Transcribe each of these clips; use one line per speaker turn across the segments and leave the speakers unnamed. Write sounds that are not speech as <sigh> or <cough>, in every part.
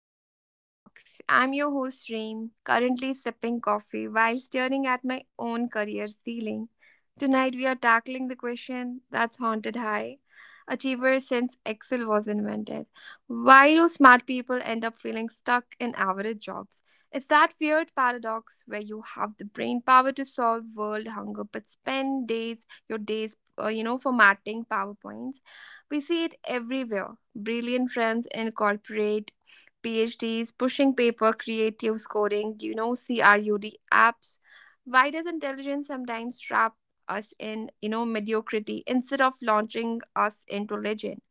Pink Theory Talks. I'm your host Reem, currently sipping coffee while staring at my own career ceiling. Tonight we are tackling the question that's haunted high achievers since Excel was invented. Why do smart people end up feeling stuck in average jobs? It's that weird paradox where you have the brain power to solve world hunger but spend days your days formatting PowerPoints. We see it everywhere. Brilliant friends incorporate PhDs, pushing paper creative scoring, CRUD apps. Why does intelligence sometimes trap us in mediocrity instead of launching us into legend?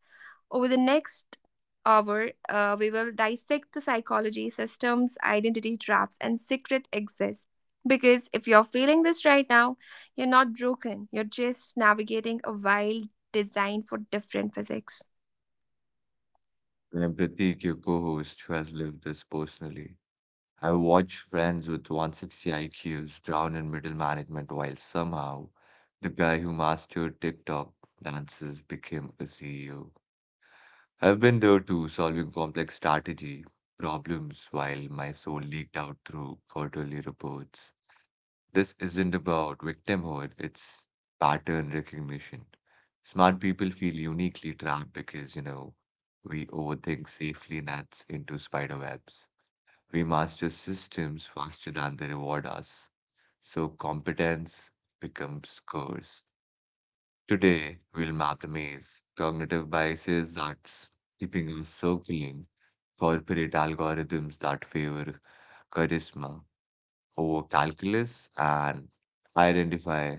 Over the next hour, we will dissect the psychology, systems, identity traps, and secret exits. Because if you're feeling this right now, you're not broken. You're just navigating a wild design for different physics.
And I'm Pratik, your co-host, who has lived this personally. I watched friends with 160 IQs drown in middle management while somehow the guy who mastered TikTok dances became a CEO. I've been there too, solving complex strategy problems while my soul leaked out through quarterly reports. This isn't about victimhood, it's pattern recognition. Smart people feel uniquely trapped because, we overthink safely nets into spider webs. We master systems faster than they reward us. So competence becomes curse. Today, we'll map the maze, cognitive biases that's keeping us circling, corporate algorithms that favor charisma over calculus, and identify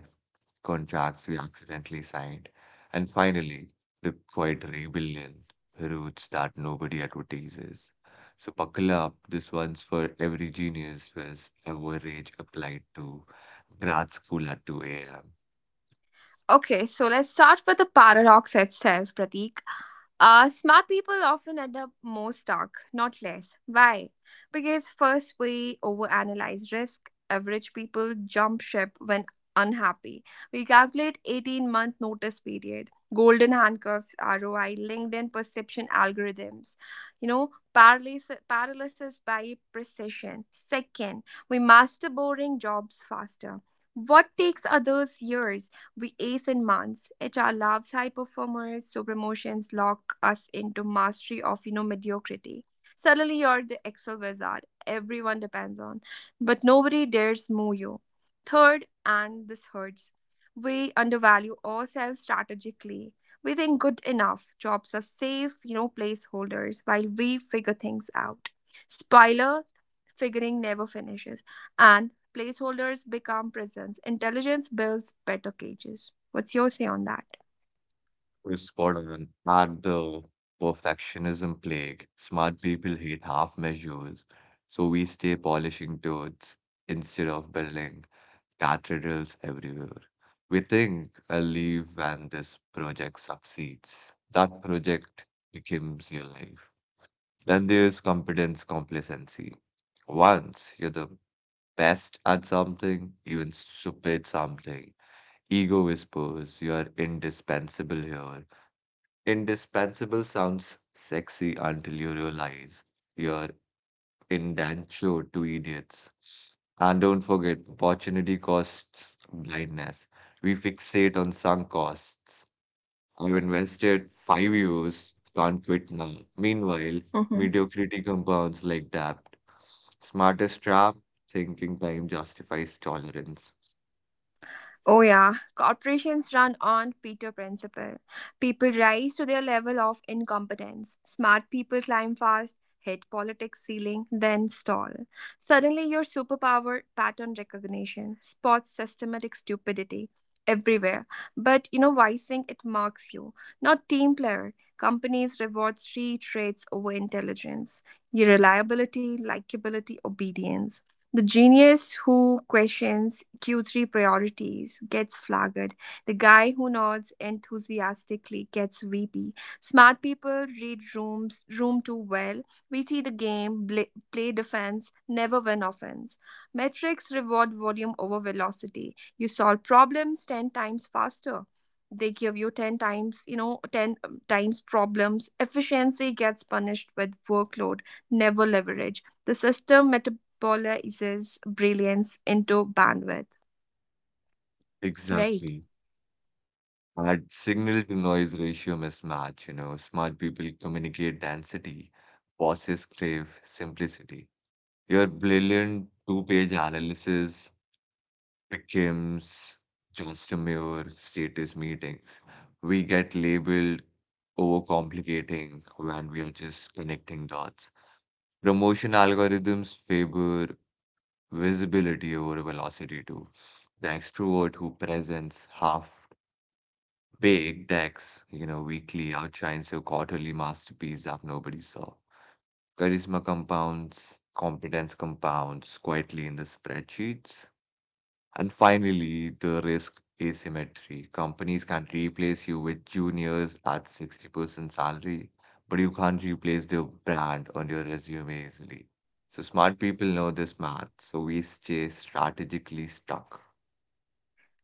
contracts we accidentally signed, and finally, the quiet rebellion, roots that nobody advertises. So buckle up, this one's for every genius with average applied to grad school at 2 a.m.
Okay, so let's start with the paradox itself, Pratik. Smart people often end up more stuck, not less. Why? Because first, we overanalyze risk. Average people jump ship when unhappy. We calculate 18-month notice period, golden handcuffs, ROI, LinkedIn perception algorithms, paralysis by precision. Second, we master boring jobs faster. What takes others years? We ace in months. HR loves high performers, so promotions lock us into mastery of mediocrity. Suddenly you're the Excel wizard everyone depends on, but nobody dares move you. Third, and this hurts, we undervalue ourselves strategically. We think good enough jobs are safe, placeholders while we figure things out. Spoiler, figuring never finishes, and placeholders become prisons. Intelligence builds better cages. What's your say on that?
We're spot on at the perfectionism plague. Smart people hate half measures, so we stay polishing toads instead of building cathedrals everywhere. We think I'll leave when this project succeeds. That project becomes your life. Then there's competence complacency. Once you're the best at something, even stupid something, ego whispers you are indispensable here. Indispensable sounds sexy until you realize you're endangered to idiots. And don't forget, opportunity costs blindness. We fixate on sunk costs. I've invested 5 years, can't quit now. Meanwhile,
Hmm.
mediocrity compounds like debt. Smartest trap, thinking time justifies tolerance.
Oh, yeah. Corporations run on Peter principle. People rise to their level of incompetence. Smart people climb fast, hit politics ceiling, then stall. Suddenly, your superpower, pattern recognition, spots systematic stupidity everywhere. But why think it marks you, not team player. Companies reward three traits over intelligence: your reliability, likability, obedience. The genius who questions Q3 priorities gets flagged. The guy who nods enthusiastically gets VP. Smart people read rooms room too well. We see the game, play defense, never win offense. Metrics reward volume over velocity. You solve problems 10 times faster. They give you 10 times, 10 times problems. Efficiency gets punished with workload, never leverage. The system polarizes brilliance into bandwidth, right?
Exactly. That signal to noise ratio mismatch, you know, smart people communicate density, bosses crave simplicity. Your brilliant two-page analysis becomes just a mere status meetings. We get labeled overcomplicating when we are just connecting dots. Promotion algorithms favor visibility over velocity too. The extrovert who presents half-baked decks, you know, weekly outshines your quarterly masterpiece that nobody saw. Charisma compounds, competence compounds quietly in the spreadsheets. And finally, the risk asymmetry. Companies can replace you with juniors at 60% salary, but you can't replace their brand on your resume easily. So smart people know this math, so we stay strategically stuck.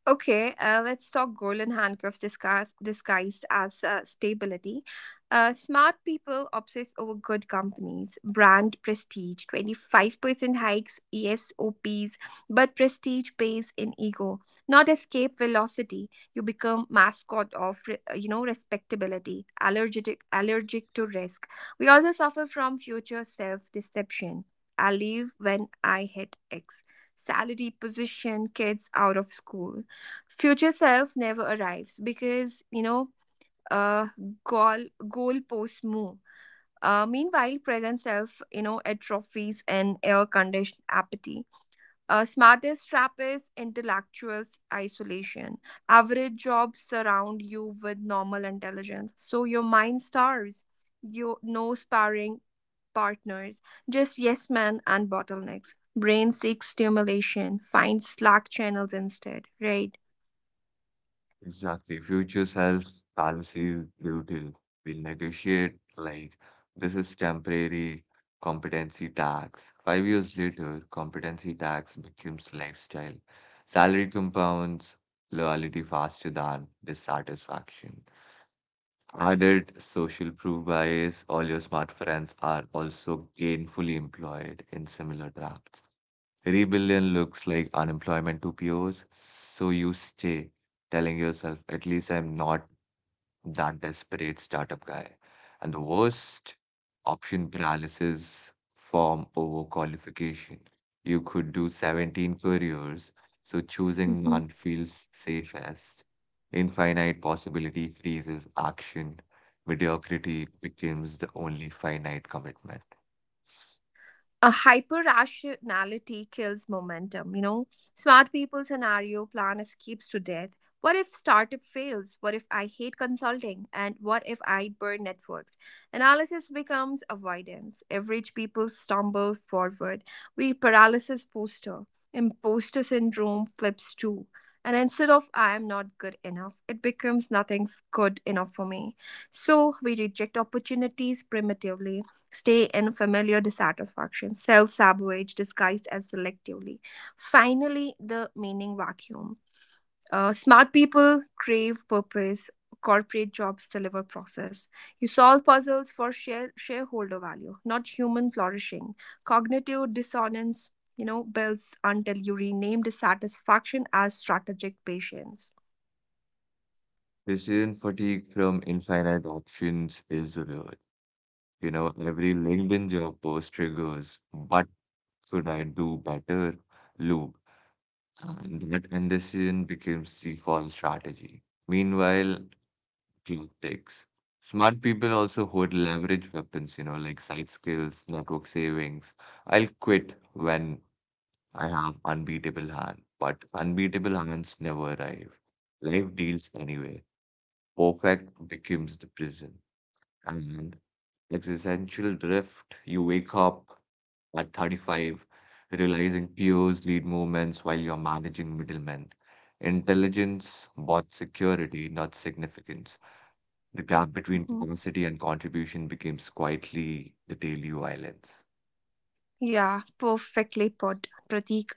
Okay, let's talk golden handcuffs disguised as stability. Smart people obsess over good companies, brand prestige, 25% hikes, ESOPs, but prestige pays in ego, not escape velocity. You become mascot of, respectability, allergic to risk. We also suffer from future self-deception. I leave when I hit X salary, position, kids out of school. Future self never arrives because uh goalposts move. Meanwhile, present self atrophies and air conditioned apathy. Smartest trap is intellectuals isolation. Average jobs surround you with normal intelligence, so your mind starves you. No sparring partners, just yes men and bottlenecks. Brain seeks stimulation, finds slack channels instead, right?
Exactly. Future self fallacy brutal. We'll negotiate like this is temporary competency tax. 5 years later, competency tax becomes lifestyle. Salary compounds loyalty faster than dissatisfaction. Added social proof bias, all your smart friends are also gainfully employed in similar drafts. Rebellion looks like unemployment to peers, so you stay, telling yourself, at least I'm not that desperate startup guy. And the worst option paralysis from overqualification. You could do 17 careers, so
Uh
choosing
huh.
none feels safest. Infinite possibility freezes action. Mediocrity becomes the only finite commitment.
A hyper rationality kills momentum. You know, smart people scenario plan escapes to death. What if startup fails? What if I hate consulting? And what if I burn networks? Analysis becomes avoidance. Average people stumble forward. We paralysis poster. Imposter syndrome flips too. And instead of I am not good enough, it becomes nothing's good enough for me. So we reject opportunities primitively, stay in familiar dissatisfaction, self sabotage disguised as selectively. Finally, the meaning vacuum. Smart people crave purpose. Corporate jobs deliver process. You solve puzzles for shareholder value, not human flourishing. Cognitive dissonance builds until you rename dissatisfaction as strategic patience.
Decision fatigue from infinite options is real. You know, every LinkedIn job post triggers, what could I do better loop. And that indecision becomes the default strategy. Meanwhile, clock ticks. Smart people also hold leverage weapons, you know, like side skills, network savings. I'll quit when I have unbeatable hand, but unbeatable hands never arrive. Life deals anyway. Perfect becomes the prison. And existential drift, you wake up at 35, realizing peers lead movements while you're managing middlemen. Intelligence bought security, not significance. The gap between
Mhm.
capacity and contribution becomes quietly the daily violence.
Yeah, perfectly put, Pratik.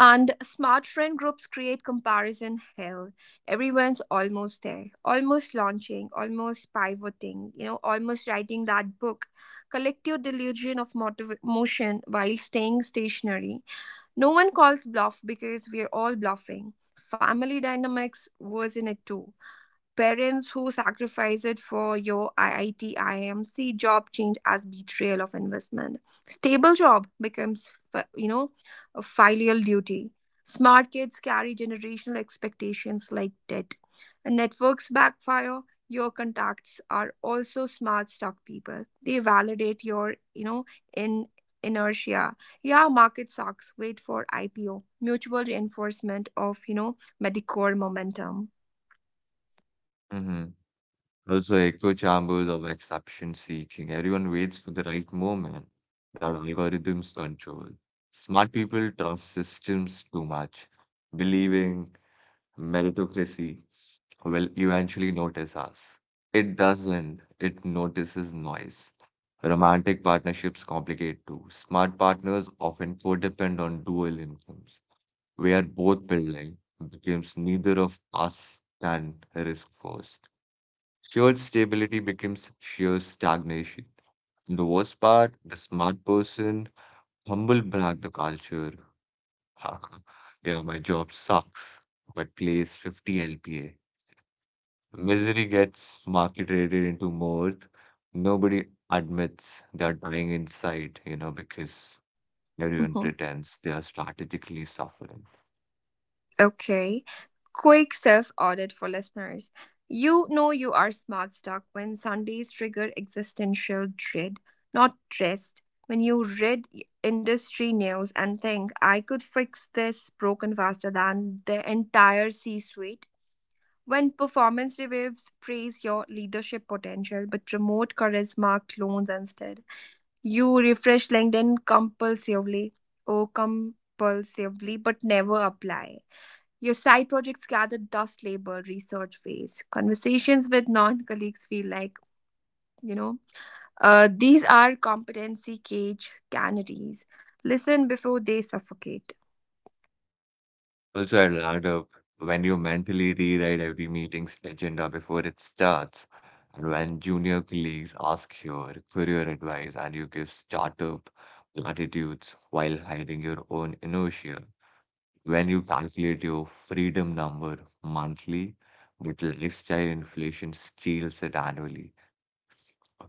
And smart friend groups create comparison hell. Everyone's almost there, almost launching, almost pivoting, almost writing that book. Collective delusion of motion while staying stationary. No one calls bluff because we're all bluffing. Family dynamics was in it too. Parents who sacrifice it for your IIT IIM see job change as betrayal of investment. Stable job becomes, a filial duty. Smart kids carry generational expectations like debt. And networks backfire. Your contacts are also smart stock people. They validate your, you know, in inertia. Yeah, market sucks. Wait for IPO. Mutual reinforcement of Medicare momentum.
hmm Also, echo chambers of exception seeking. Everyone waits for the right moment that algorithms control. Smart people trust systems too much, believing meritocracy will eventually notice us. It doesn't, it notices noise. Romantic partnerships complicate too. Smart partners often codepend on dual incomes, where both building becomes neither of us can risk first. Shared stability becomes sheer stagnation. The worst part, the smart person humble brag the culture. <laughs> You know, my job sucks, but plays 50 LPA. Misery gets marketed into mirth. Nobody admits they're dying inside, you know, because everyone
Mhm.
pretends they are strategically suffering.
Okay. Quick self audit for listeners. You know you are smart stuck when Sundays trigger existential dread, not stressed. When you read industry news and think, I could fix this broken faster than the entire C suite. When performance reviews praise your leadership potential but promote charisma clones instead, you refresh LinkedIn compulsively but never apply. Your side projects gather dust label research phase. Conversations with non colleagues feel like, you know, these are competency cage canaries. Listen before they suffocate.
Also, I'll add up when you mentally rewrite every meeting's agenda before it starts, and when junior colleagues ask your career advice and you give startup platitudes while hiding your own inertia. When you calculate your freedom number monthly, but lifestyle inflation steals it annually.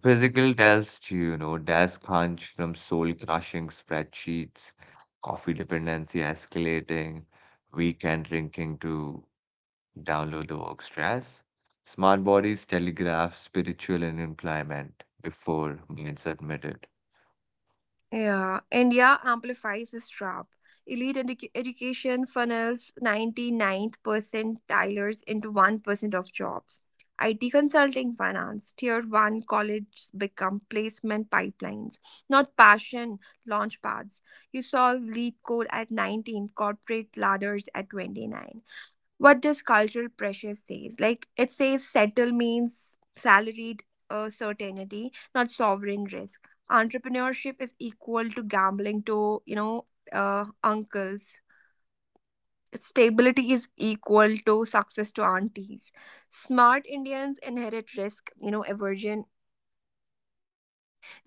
Physical tells you, you know, desk hunch from soul crushing spreadsheets, coffee dependency escalating, weekend drinking to download the work stress. Smart bodies telegraph spiritual unemployment before minds admit it.
Yeah, India amplifies this trap. Elite education funnels 99th percentilers into 1% of jobs. IT consulting, finance, tier 1 colleges become placement pipelines, not passion launch pads. You solve lead code at 19, corporate ladders at 29. What does cultural pressure says? Like it says settle means salaried, certainty not sovereign risk. Entrepreneurship is equal to gambling to, uncles. Stability is equal to success to aunties. Smart Indians inherit risk, aversion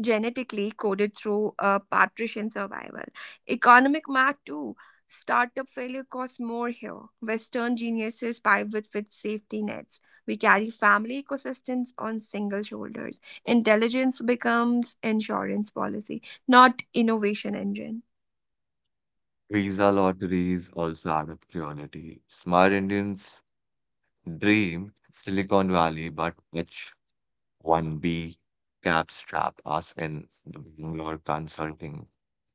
genetically coded through, patrician survival. Economic math too. Startup failure costs more here. Western geniuses pivot with safety nets. We carry family ecosystems on single shoulders. Intelligence becomes insurance policy, not innovation engine.
Visa lotteries also add up cruelty. Smart Indians dream Silicon Valley, but H1B caps trap us in the Bangalore consulting.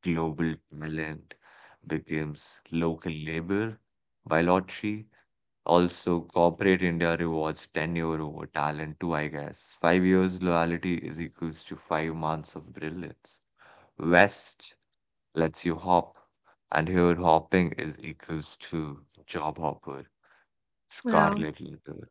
Global talent becomes local labor by lottery. Also, corporate India rewards tenure over talent too, I guess. 5 years loyalty is equals to 5 months of brilliance. West lets you hop, and here hopping is equals to job hopper,
Yeah.
scarlet letter.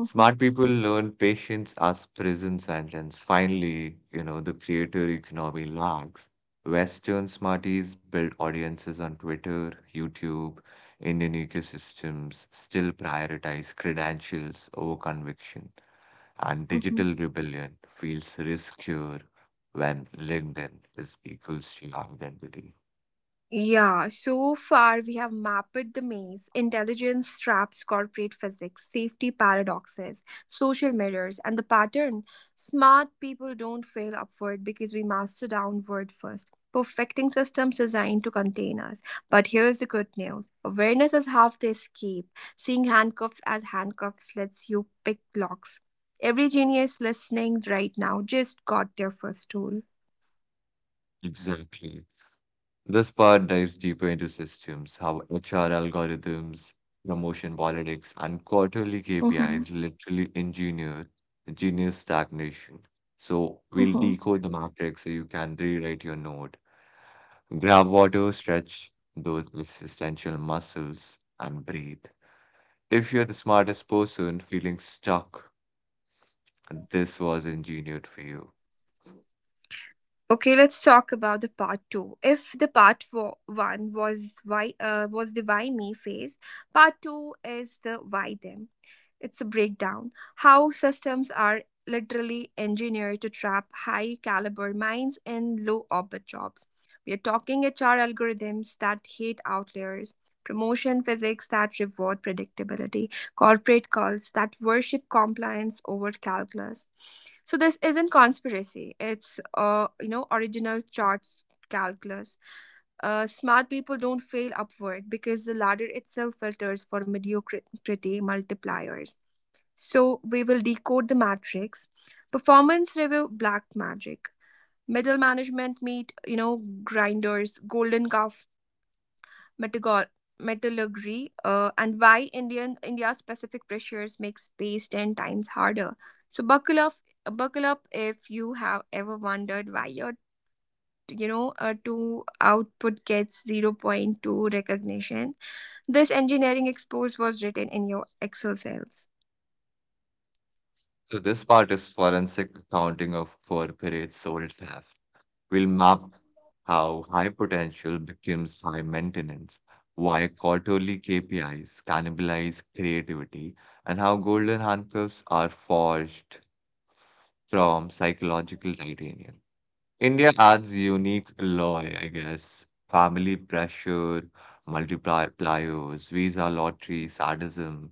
Smart people learn patience as prison sentence. Finally, you know, the creator economy lags. Western smarties build audiences on Twitter, YouTube, Indian ecosystems still prioritize credentials over conviction, and
<laughs>
digital rebellion feels riskier when LinkedIn is equals to your identity.
Yeah, so far we have mapped the maze, intelligence traps, corporate physics, safety paradoxes, social mirrors, and the pattern. Smart people don't fail upward because we master downward first, perfecting systems designed to contain us. But here's the good news: awareness is half the escape. Seeing handcuffs as handcuffs lets you pick locks. Every genius listening right now just got their first tool.
Exactly. This part dives deeper into systems, how HR algorithms, promotion politics, and quarterly
Hmm.
KPIs literally engineer stagnation. So we'll
Hmm.
decode the matrix so you can rewrite your note. Grab water, stretch those existential muscles, and breathe. If you're the smartest person feeling stuck, this was engineered for you.
Okay, let's talk about the part two. If the part four, one was why, was the why me phase, part two is the why them. It's a breakdown how systems are literally engineered to trap high caliber minds in low orbit jobs. We are talking HR algorithms that hate outliers, promotion physics that reward predictability, corporate cults that worship compliance over calculus. So this isn't conspiracy. It's original charts calculus. Smart people don't fail upward because the ladder itself filters for mediocrity multipliers. So we will decode the matrix. Performance review black magic. Middle management meet, grinders, golden calf metallurg- metallurgy, and why Indian India's specific pressures make space 10 times harder. So buckle up if you have ever wondered why your a two output gets zero point 0.2 recognition. This engineering expose was written in your Excel cells.
So this part is forensic accounting of corporate soul theft. We'll map how high potential becomes high maintenance, why quarterly KPIs cannibalize creativity, and how golden handcuffs are forged from psychological titanium. India adds unique alloy, I guess. Family pressure, multipliers, visa lottery, sadism,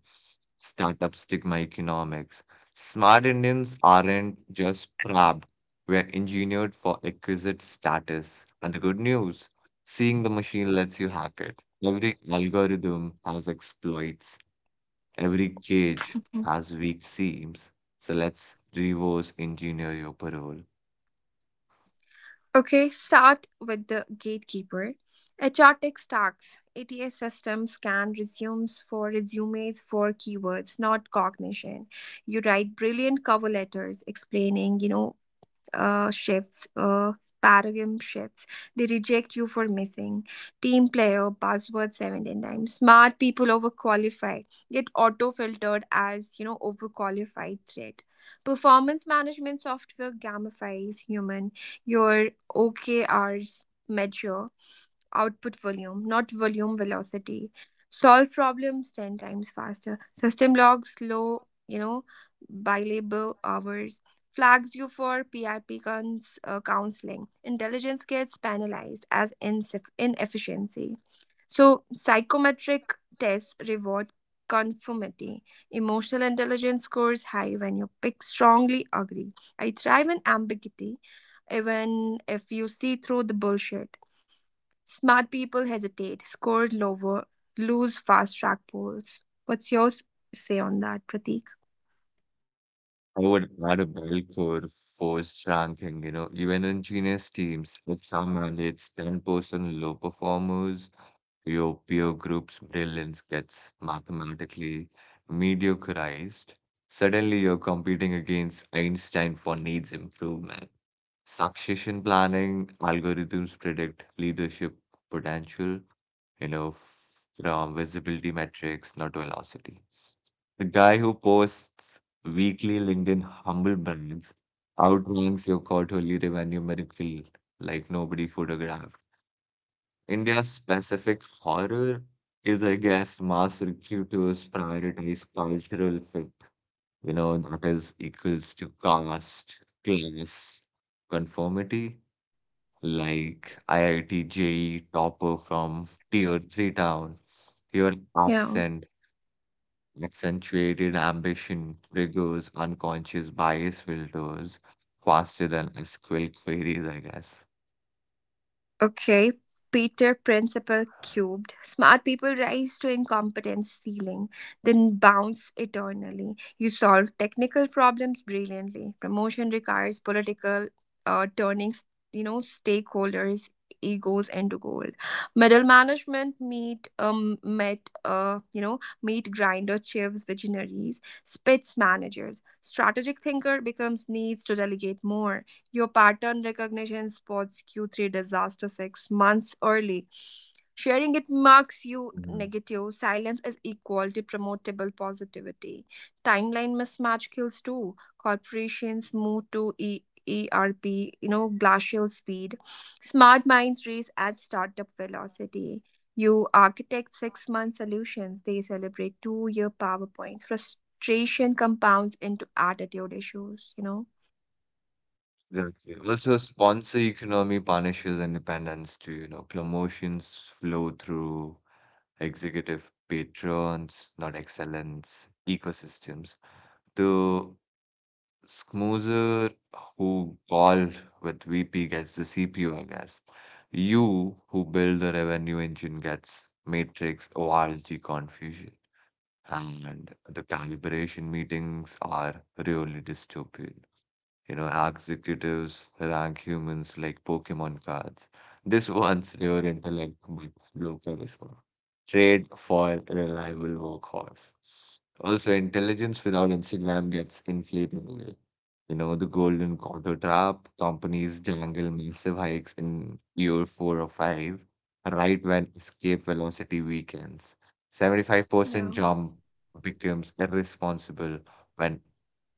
startup stigma economics. Smart Indians aren't just trapped, we're engineered for exquisite status. And the good news, seeing the machine lets you hack it. Every algorithm has exploits, every cage has weak seams. So let's reverse engineer your parole.
Okay, start with the gatekeeper. HR tech stacks. ATS system scan resumes for keywords, not cognition. You write brilliant cover letters explaining, uh, shifts, uh, paradigm shifts. They reject you for missing. Team player, buzzword 17 times. Smart people overqualified, get auto filtered as, overqualified threat. Performance management software gamifies human, your OKRs measure output volume, not volume velocity. Solve problems 10 times faster. System logs low, by billable hours. Flags you for PIP counseling. Intelligence gets penalized as inefficiency. So, psychometric tests reward conformity. Emotional intelligence scores high when you pick strongly agree. I thrive in ambiguity even if you see through the bullshit. Smart people hesitate, score lower, lose fast track polls. What's your say on that, Pratik?
I would add a belt for forced ranking, you know, even in genius teams, if some mandates 10% low performers, your peer group's brilliance gets mathematically mediocrized. Suddenly, you're competing against Einstein for needs improvement. Succession planning algorithms predict leadership potential, you know, from visibility metrics, not velocity. The guy who posts weekly LinkedIn humble brags outranks your quarterly revenue miracle like nobody photographed. India's specific horror is, I guess, mass recruiters prioritize cultural fit. You know, that is equals to caste, class, conformity. Like IIT JE topper from tier 3 town, your
Yeah.
accent Accentuated ambition triggers unconscious bias filters faster than SQL queries, I guess.
Okay, Peter Principle cubed. Smart people rise to incompetence ceiling, then bounce eternally. You solve technical problems brilliantly. Promotion requires political, turning, stakeholders' egos into gold. Middle management meet met you know meet grinder chiefs visionaries spits managers. Strategic thinker becomes needs to delegate more. Your pattern recognition spots Q3 disaster 6 months early. Sharing it marks you
Mhm.
negative. Silence is equal to promotable positivity. Timeline mismatch kills too. Corporations move to ERP, glacial speed. Smart minds race at startup velocity. You architect 6 month solutions, they celebrate 2 year PowerPoints. Frustration compounds into attitude issues, you know?
Exactly. Also, sponsor economy punishes independence too, you know, promotions flow through executive patrons, not excellence ecosystems. The Smoozer who call with VP gets the CPU, I guess. You who build the revenue engine gets matrix ORG confusion. And the calibration meetings are really dystopian. You know, executives rank humans like Pokemon cards. <laughs> This one's your intellect with low charisma. Trade for reliable workhorse. Also, intelligence without Instagram gets inflated away. You know, the golden quarter trap, companies jangle massive hikes in year four or five, right when escape velocity weakens. 75%
Yeah.
jump becomes irresponsible when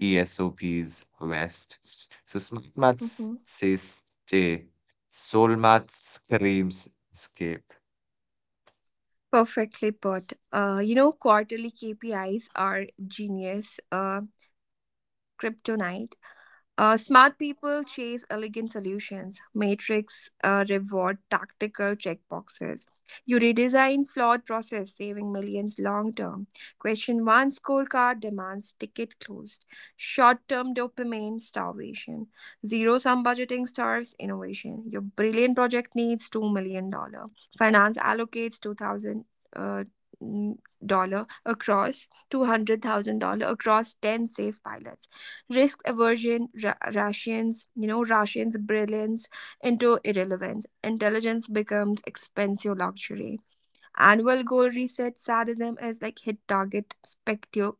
ESOPs West. So smart maths
Mm-hmm.
says stay, soul maths screams escape.
Perfectly put. Quarterly KPIs are genius, kryptonite. Smart people chase elegant solutions. Matrix reward tactical checkboxes. You redesign flawed process, saving millions long term. Question one scorecard demands ticket closed. Short term dopamine starvation. Zero sum budgeting starves innovation. Your brilliant project needs $2 million. Finance allocates 2,000, uh, dollar across $200,000 across 10 safe pilots. Risk aversion ra- rations you know rations brilliance into irrelevance. Intelligence becomes expensive luxury. Annual goal reset sadism is like hit target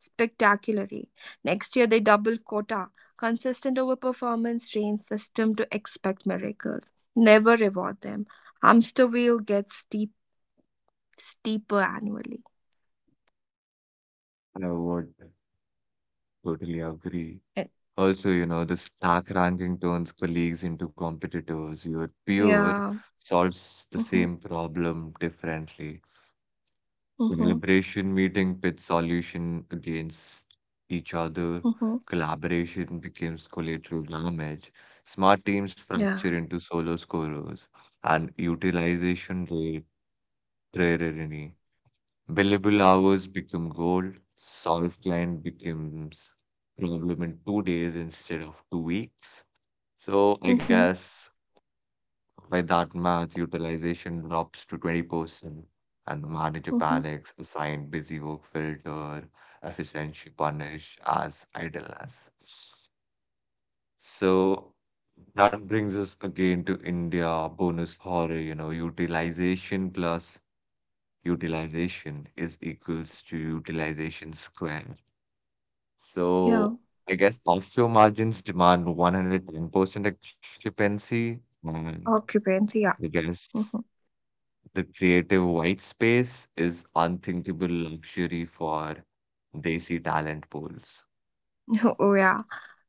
spectacularly. Next year they double quota. Consistent overperformance trains system to expect miracles, never reward them. Hamster wheel gets steeper annually.
I would totally agree.
Eh.
Also, you know, the stack ranking turns colleagues into competitors. Your peer
Yeah.
solves the
Mm-hmm,
same problem differently.
mm-hmm,
Collaboration meeting pit solution against each other.
mm-hmm.
Collaboration becomes collateral damage. Smart teams
Yeah,
fracture into solo scorers, and utilization rate tyranny. Billable hours become gold. Solved client becomes problem in 2 days instead of 2 weeks. So I
mm-hmm,
guess by that math, utilization drops to 20%, and the manager
mm-hmm.
panics, assigned busy work filter, efficiency punished as idleness. So that brings us again to India bonus horror, you know, utilization plus utilization is equals to utilization square.
Yeah.
So I guess offshore margins demand 110% occupancy, and
Occupancy ya?
I guess.
Mhm.
The creative white space is unthinkable luxury for desi talent pools.
<laughs> Oh, yeah.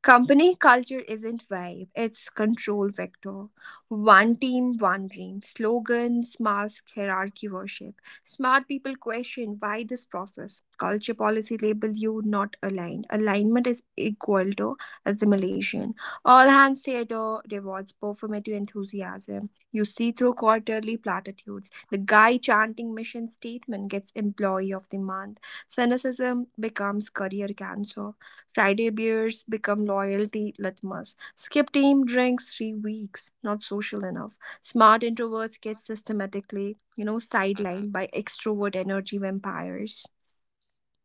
Company culture isn't vibe, it's control vector. One team, one dream. Slogans mask hierarchy worship. Smart people question why this process. Culture policy label you not aligned. Alignment is equal to assimilation. All hands theater rewards performative enthusiasm. You see through quarterly platitudes. The guy chanting mission statement gets employee of the month. Cynicism becomes career cancer. Friday beers become loyalty litmus. Skip team drinks 3 weeks. Not social enough. Smart introverts get systematically
hmm
sidelined by extrovert energy vampires.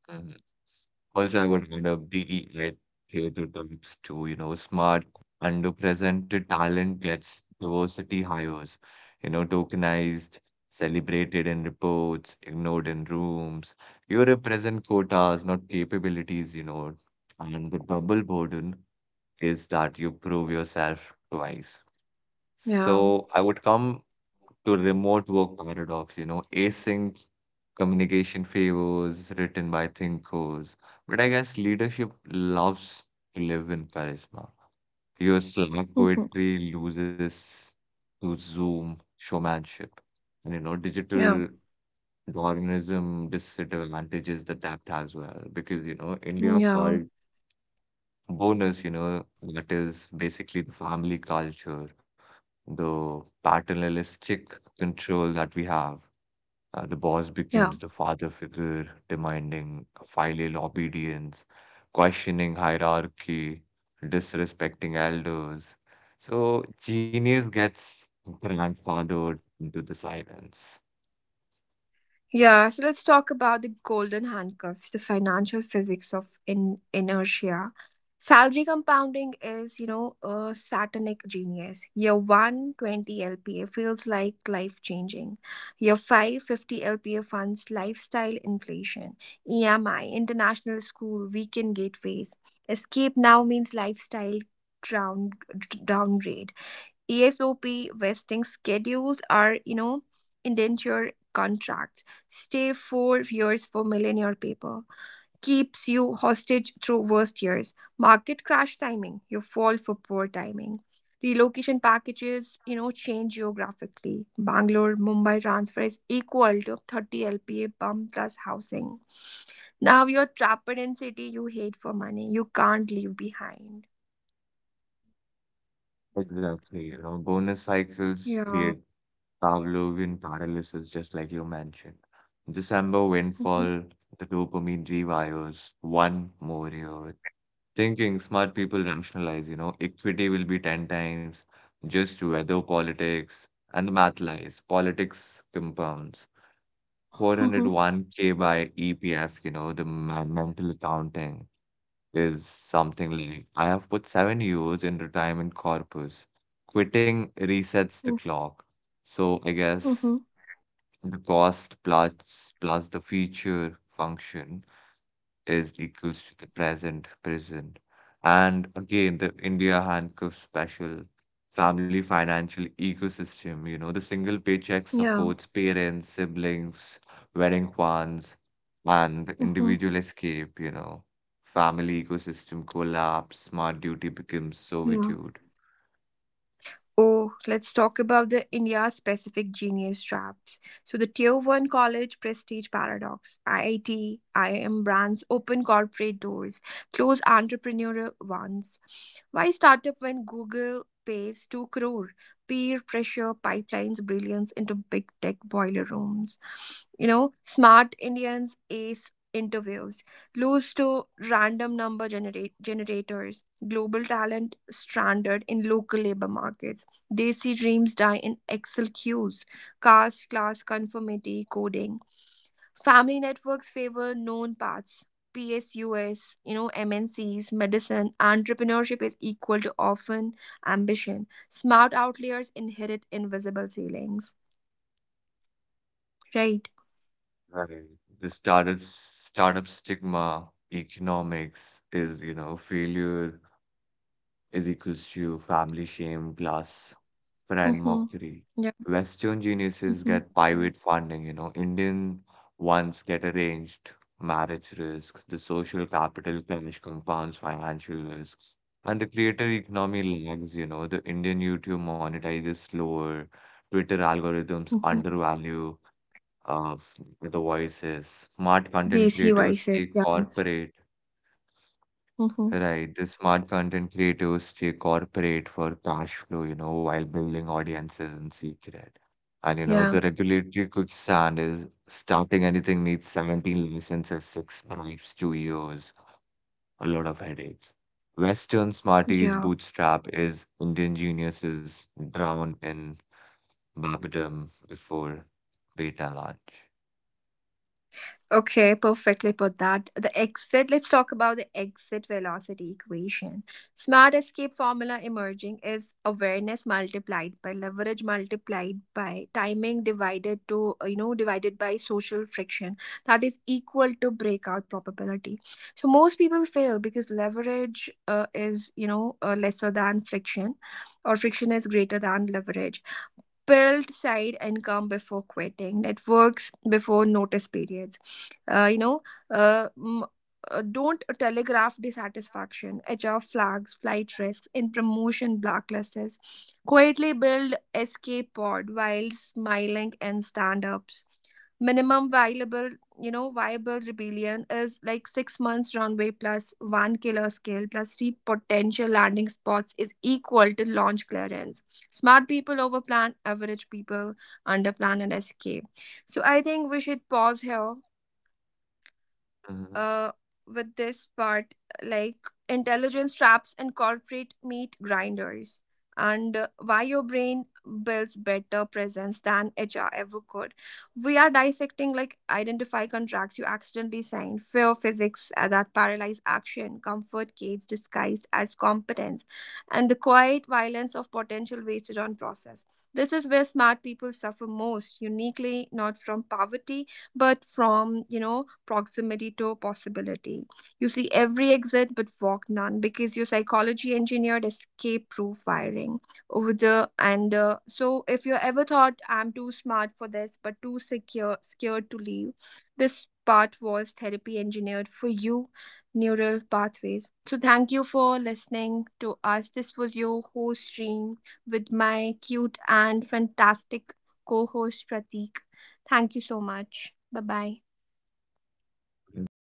hmm Also, I would add up the eight theater types too, you know, smart, underrepresented talent gets diversity hires, you know, tokenized, celebrated in reports, ignored in rooms. You represent quotas, not capabilities, you know. And the double burden is that you prove yourself twice.
Yeah.
So I would come to remote work paradox, you know, async communication favors written by thinkers. But I guess leadership loves to live in charisma. Your Slack poetry loses to Zoom showmanship. And you know,
<laughs> yeah.
digital Darwinism disadvantages the depth as well because you know India
Yeah.
called bonus, you know, that is basically the family culture, the paternalistic control that we have. The boss
Yeah.
becomes the father figure, demanding filial obedience, questioning hierarchy, disrespecting elders. So genius gets grandfathered into the silence.
Yeah, so let's talk about the golden handcuffs, the financial physics of in inertia. Salary compounding is a satanic genius. Year 120 LPA feels like life changing. Year 550 LPA funds lifestyle inflation, EMI, international school, weekend gateways. Escape now means lifestyle down, downgrade. ESOP vesting schedules are indenture contracts. Stay 4 years for millionaire paper. Keeps you hostage through worst years. Market crash timing. You fall for poor timing. Relocation packages change geographically. Bangalore, Mumbai transfer is equal to 30 LPA bump plus housing. Now you're trapped in city you hate for money. You can't leave behind.
Exactly, you know, bonus cycles
Yeah.
create Pavlovian paralysis, just like you mentioned. December
Mhm.
windfall, the dopamine rewires, one more year thinking smart people rationalize, you know, equity will be 10 times, just weather politics, and the math lies. Politics compounds.
Mhm.
401k by EPF, you know, the mental accounting is something like I have put 7 years in retirement corpus. Quitting resets the
Mhm.
clock. So I guess
Mhm.
the cost plus plus the feature function is equals to the present prison. And again, the India handcuff special family financial ecosystem, you know, the single paycheck
Yeah.
supports parents, siblings, wedding funds, and the
嗯哼，
individual escape, you know. Family ecosystem collapse, smart duty becomes
对啊。
servitude.
Oh, let's talk about the India specific genius traps. So, the tier 1 college prestige paradox IIT, IIM brands open corporate doors, close entrepreneurial ones. Why startup when Google pays 2 crore? Peer pressure pipelines brilliance into big tech boiler rooms. You know, smart Indians ace interviews, lose to random number generate generators, global talent stranded in local labor markets. Desi dreams die in Excel queues, caste, class, conformity, coding. Family networks favor known paths. PSUs MNCs, medicine, entrepreneurship is equal to often ambition. Smart outliers inherit invisible ceilings. Right.
Right. The startup stigma economics is, you know, failure is equals to family shame plus friend
Mm-hmm.
mockery.
Yeah.
Western geniuses
Mm-hmm.
get private funding, you know, Indian ones get arranged, marriage risk, the social capital clash compounds financial risks. And the creator economy lags, you know, the Indian YouTube monetizes slower, Twitter algorithms
Mm-hmm.
undervalue uh, the voices, smart content
Desi
creators
vices.
stay
Yeah.
corporate
Mm-hmm.
Right. The smart content creators stay corporate for cash flow, you know, while building audiences in secret. And you know,
Yeah.
the regulatory quicksand is starting anything needs 17 licenses, 6 bribes, 2 years, a lot of headache. Western Smarties
Yeah.
bootstrap is Indian geniuses drowned in Babadom before beta launch.
Okay, perfectly put that. The exit, let's talk about the exit velocity equation. Smart escape formula emerging is awareness multiplied by leverage multiplied by timing divided to, you know, divided by social friction. That is equal to breakout probability. So most people fail because leverage is lesser than friction, or friction is greater than leverage. Build side income before quitting networks before notice periods. uh, you know uh, m- don't telegraph dissatisfaction. HR flags flight risks in promotion blacklists. Quietly build escape pod while smiling and stand-ups. Minimum viable you know viable rebellion is like 6 months runway plus one killer scale plus three potential landing spots is equal to launch clearance. Smart people overplan. Average people underplan and escape. So I think we should pause here
Mhm.
uh, with this part, like intelligence traps and corporate meat grinders, and why your brain builds better presence than HR ever could. We are dissecting, like identify contracts you accidentally signed, fear physics that paralyze action, comfort gates disguised as competence, and the quiet violence of potential wasted on process. This is where smart people suffer most uniquely, not from poverty but from proximity to possibility. You see every exit but walk none because your psychology engineered escape proof wiring. Over the and uh, so if you ever thought, "I'm too smart for this but too secure scared to leave," this part was therapy engineered for you. Neural pathways, so thank you for listening to us. This was your host stream with my cute and fantastic co-host Pratik. Thank you so much. Bye bye.
Thank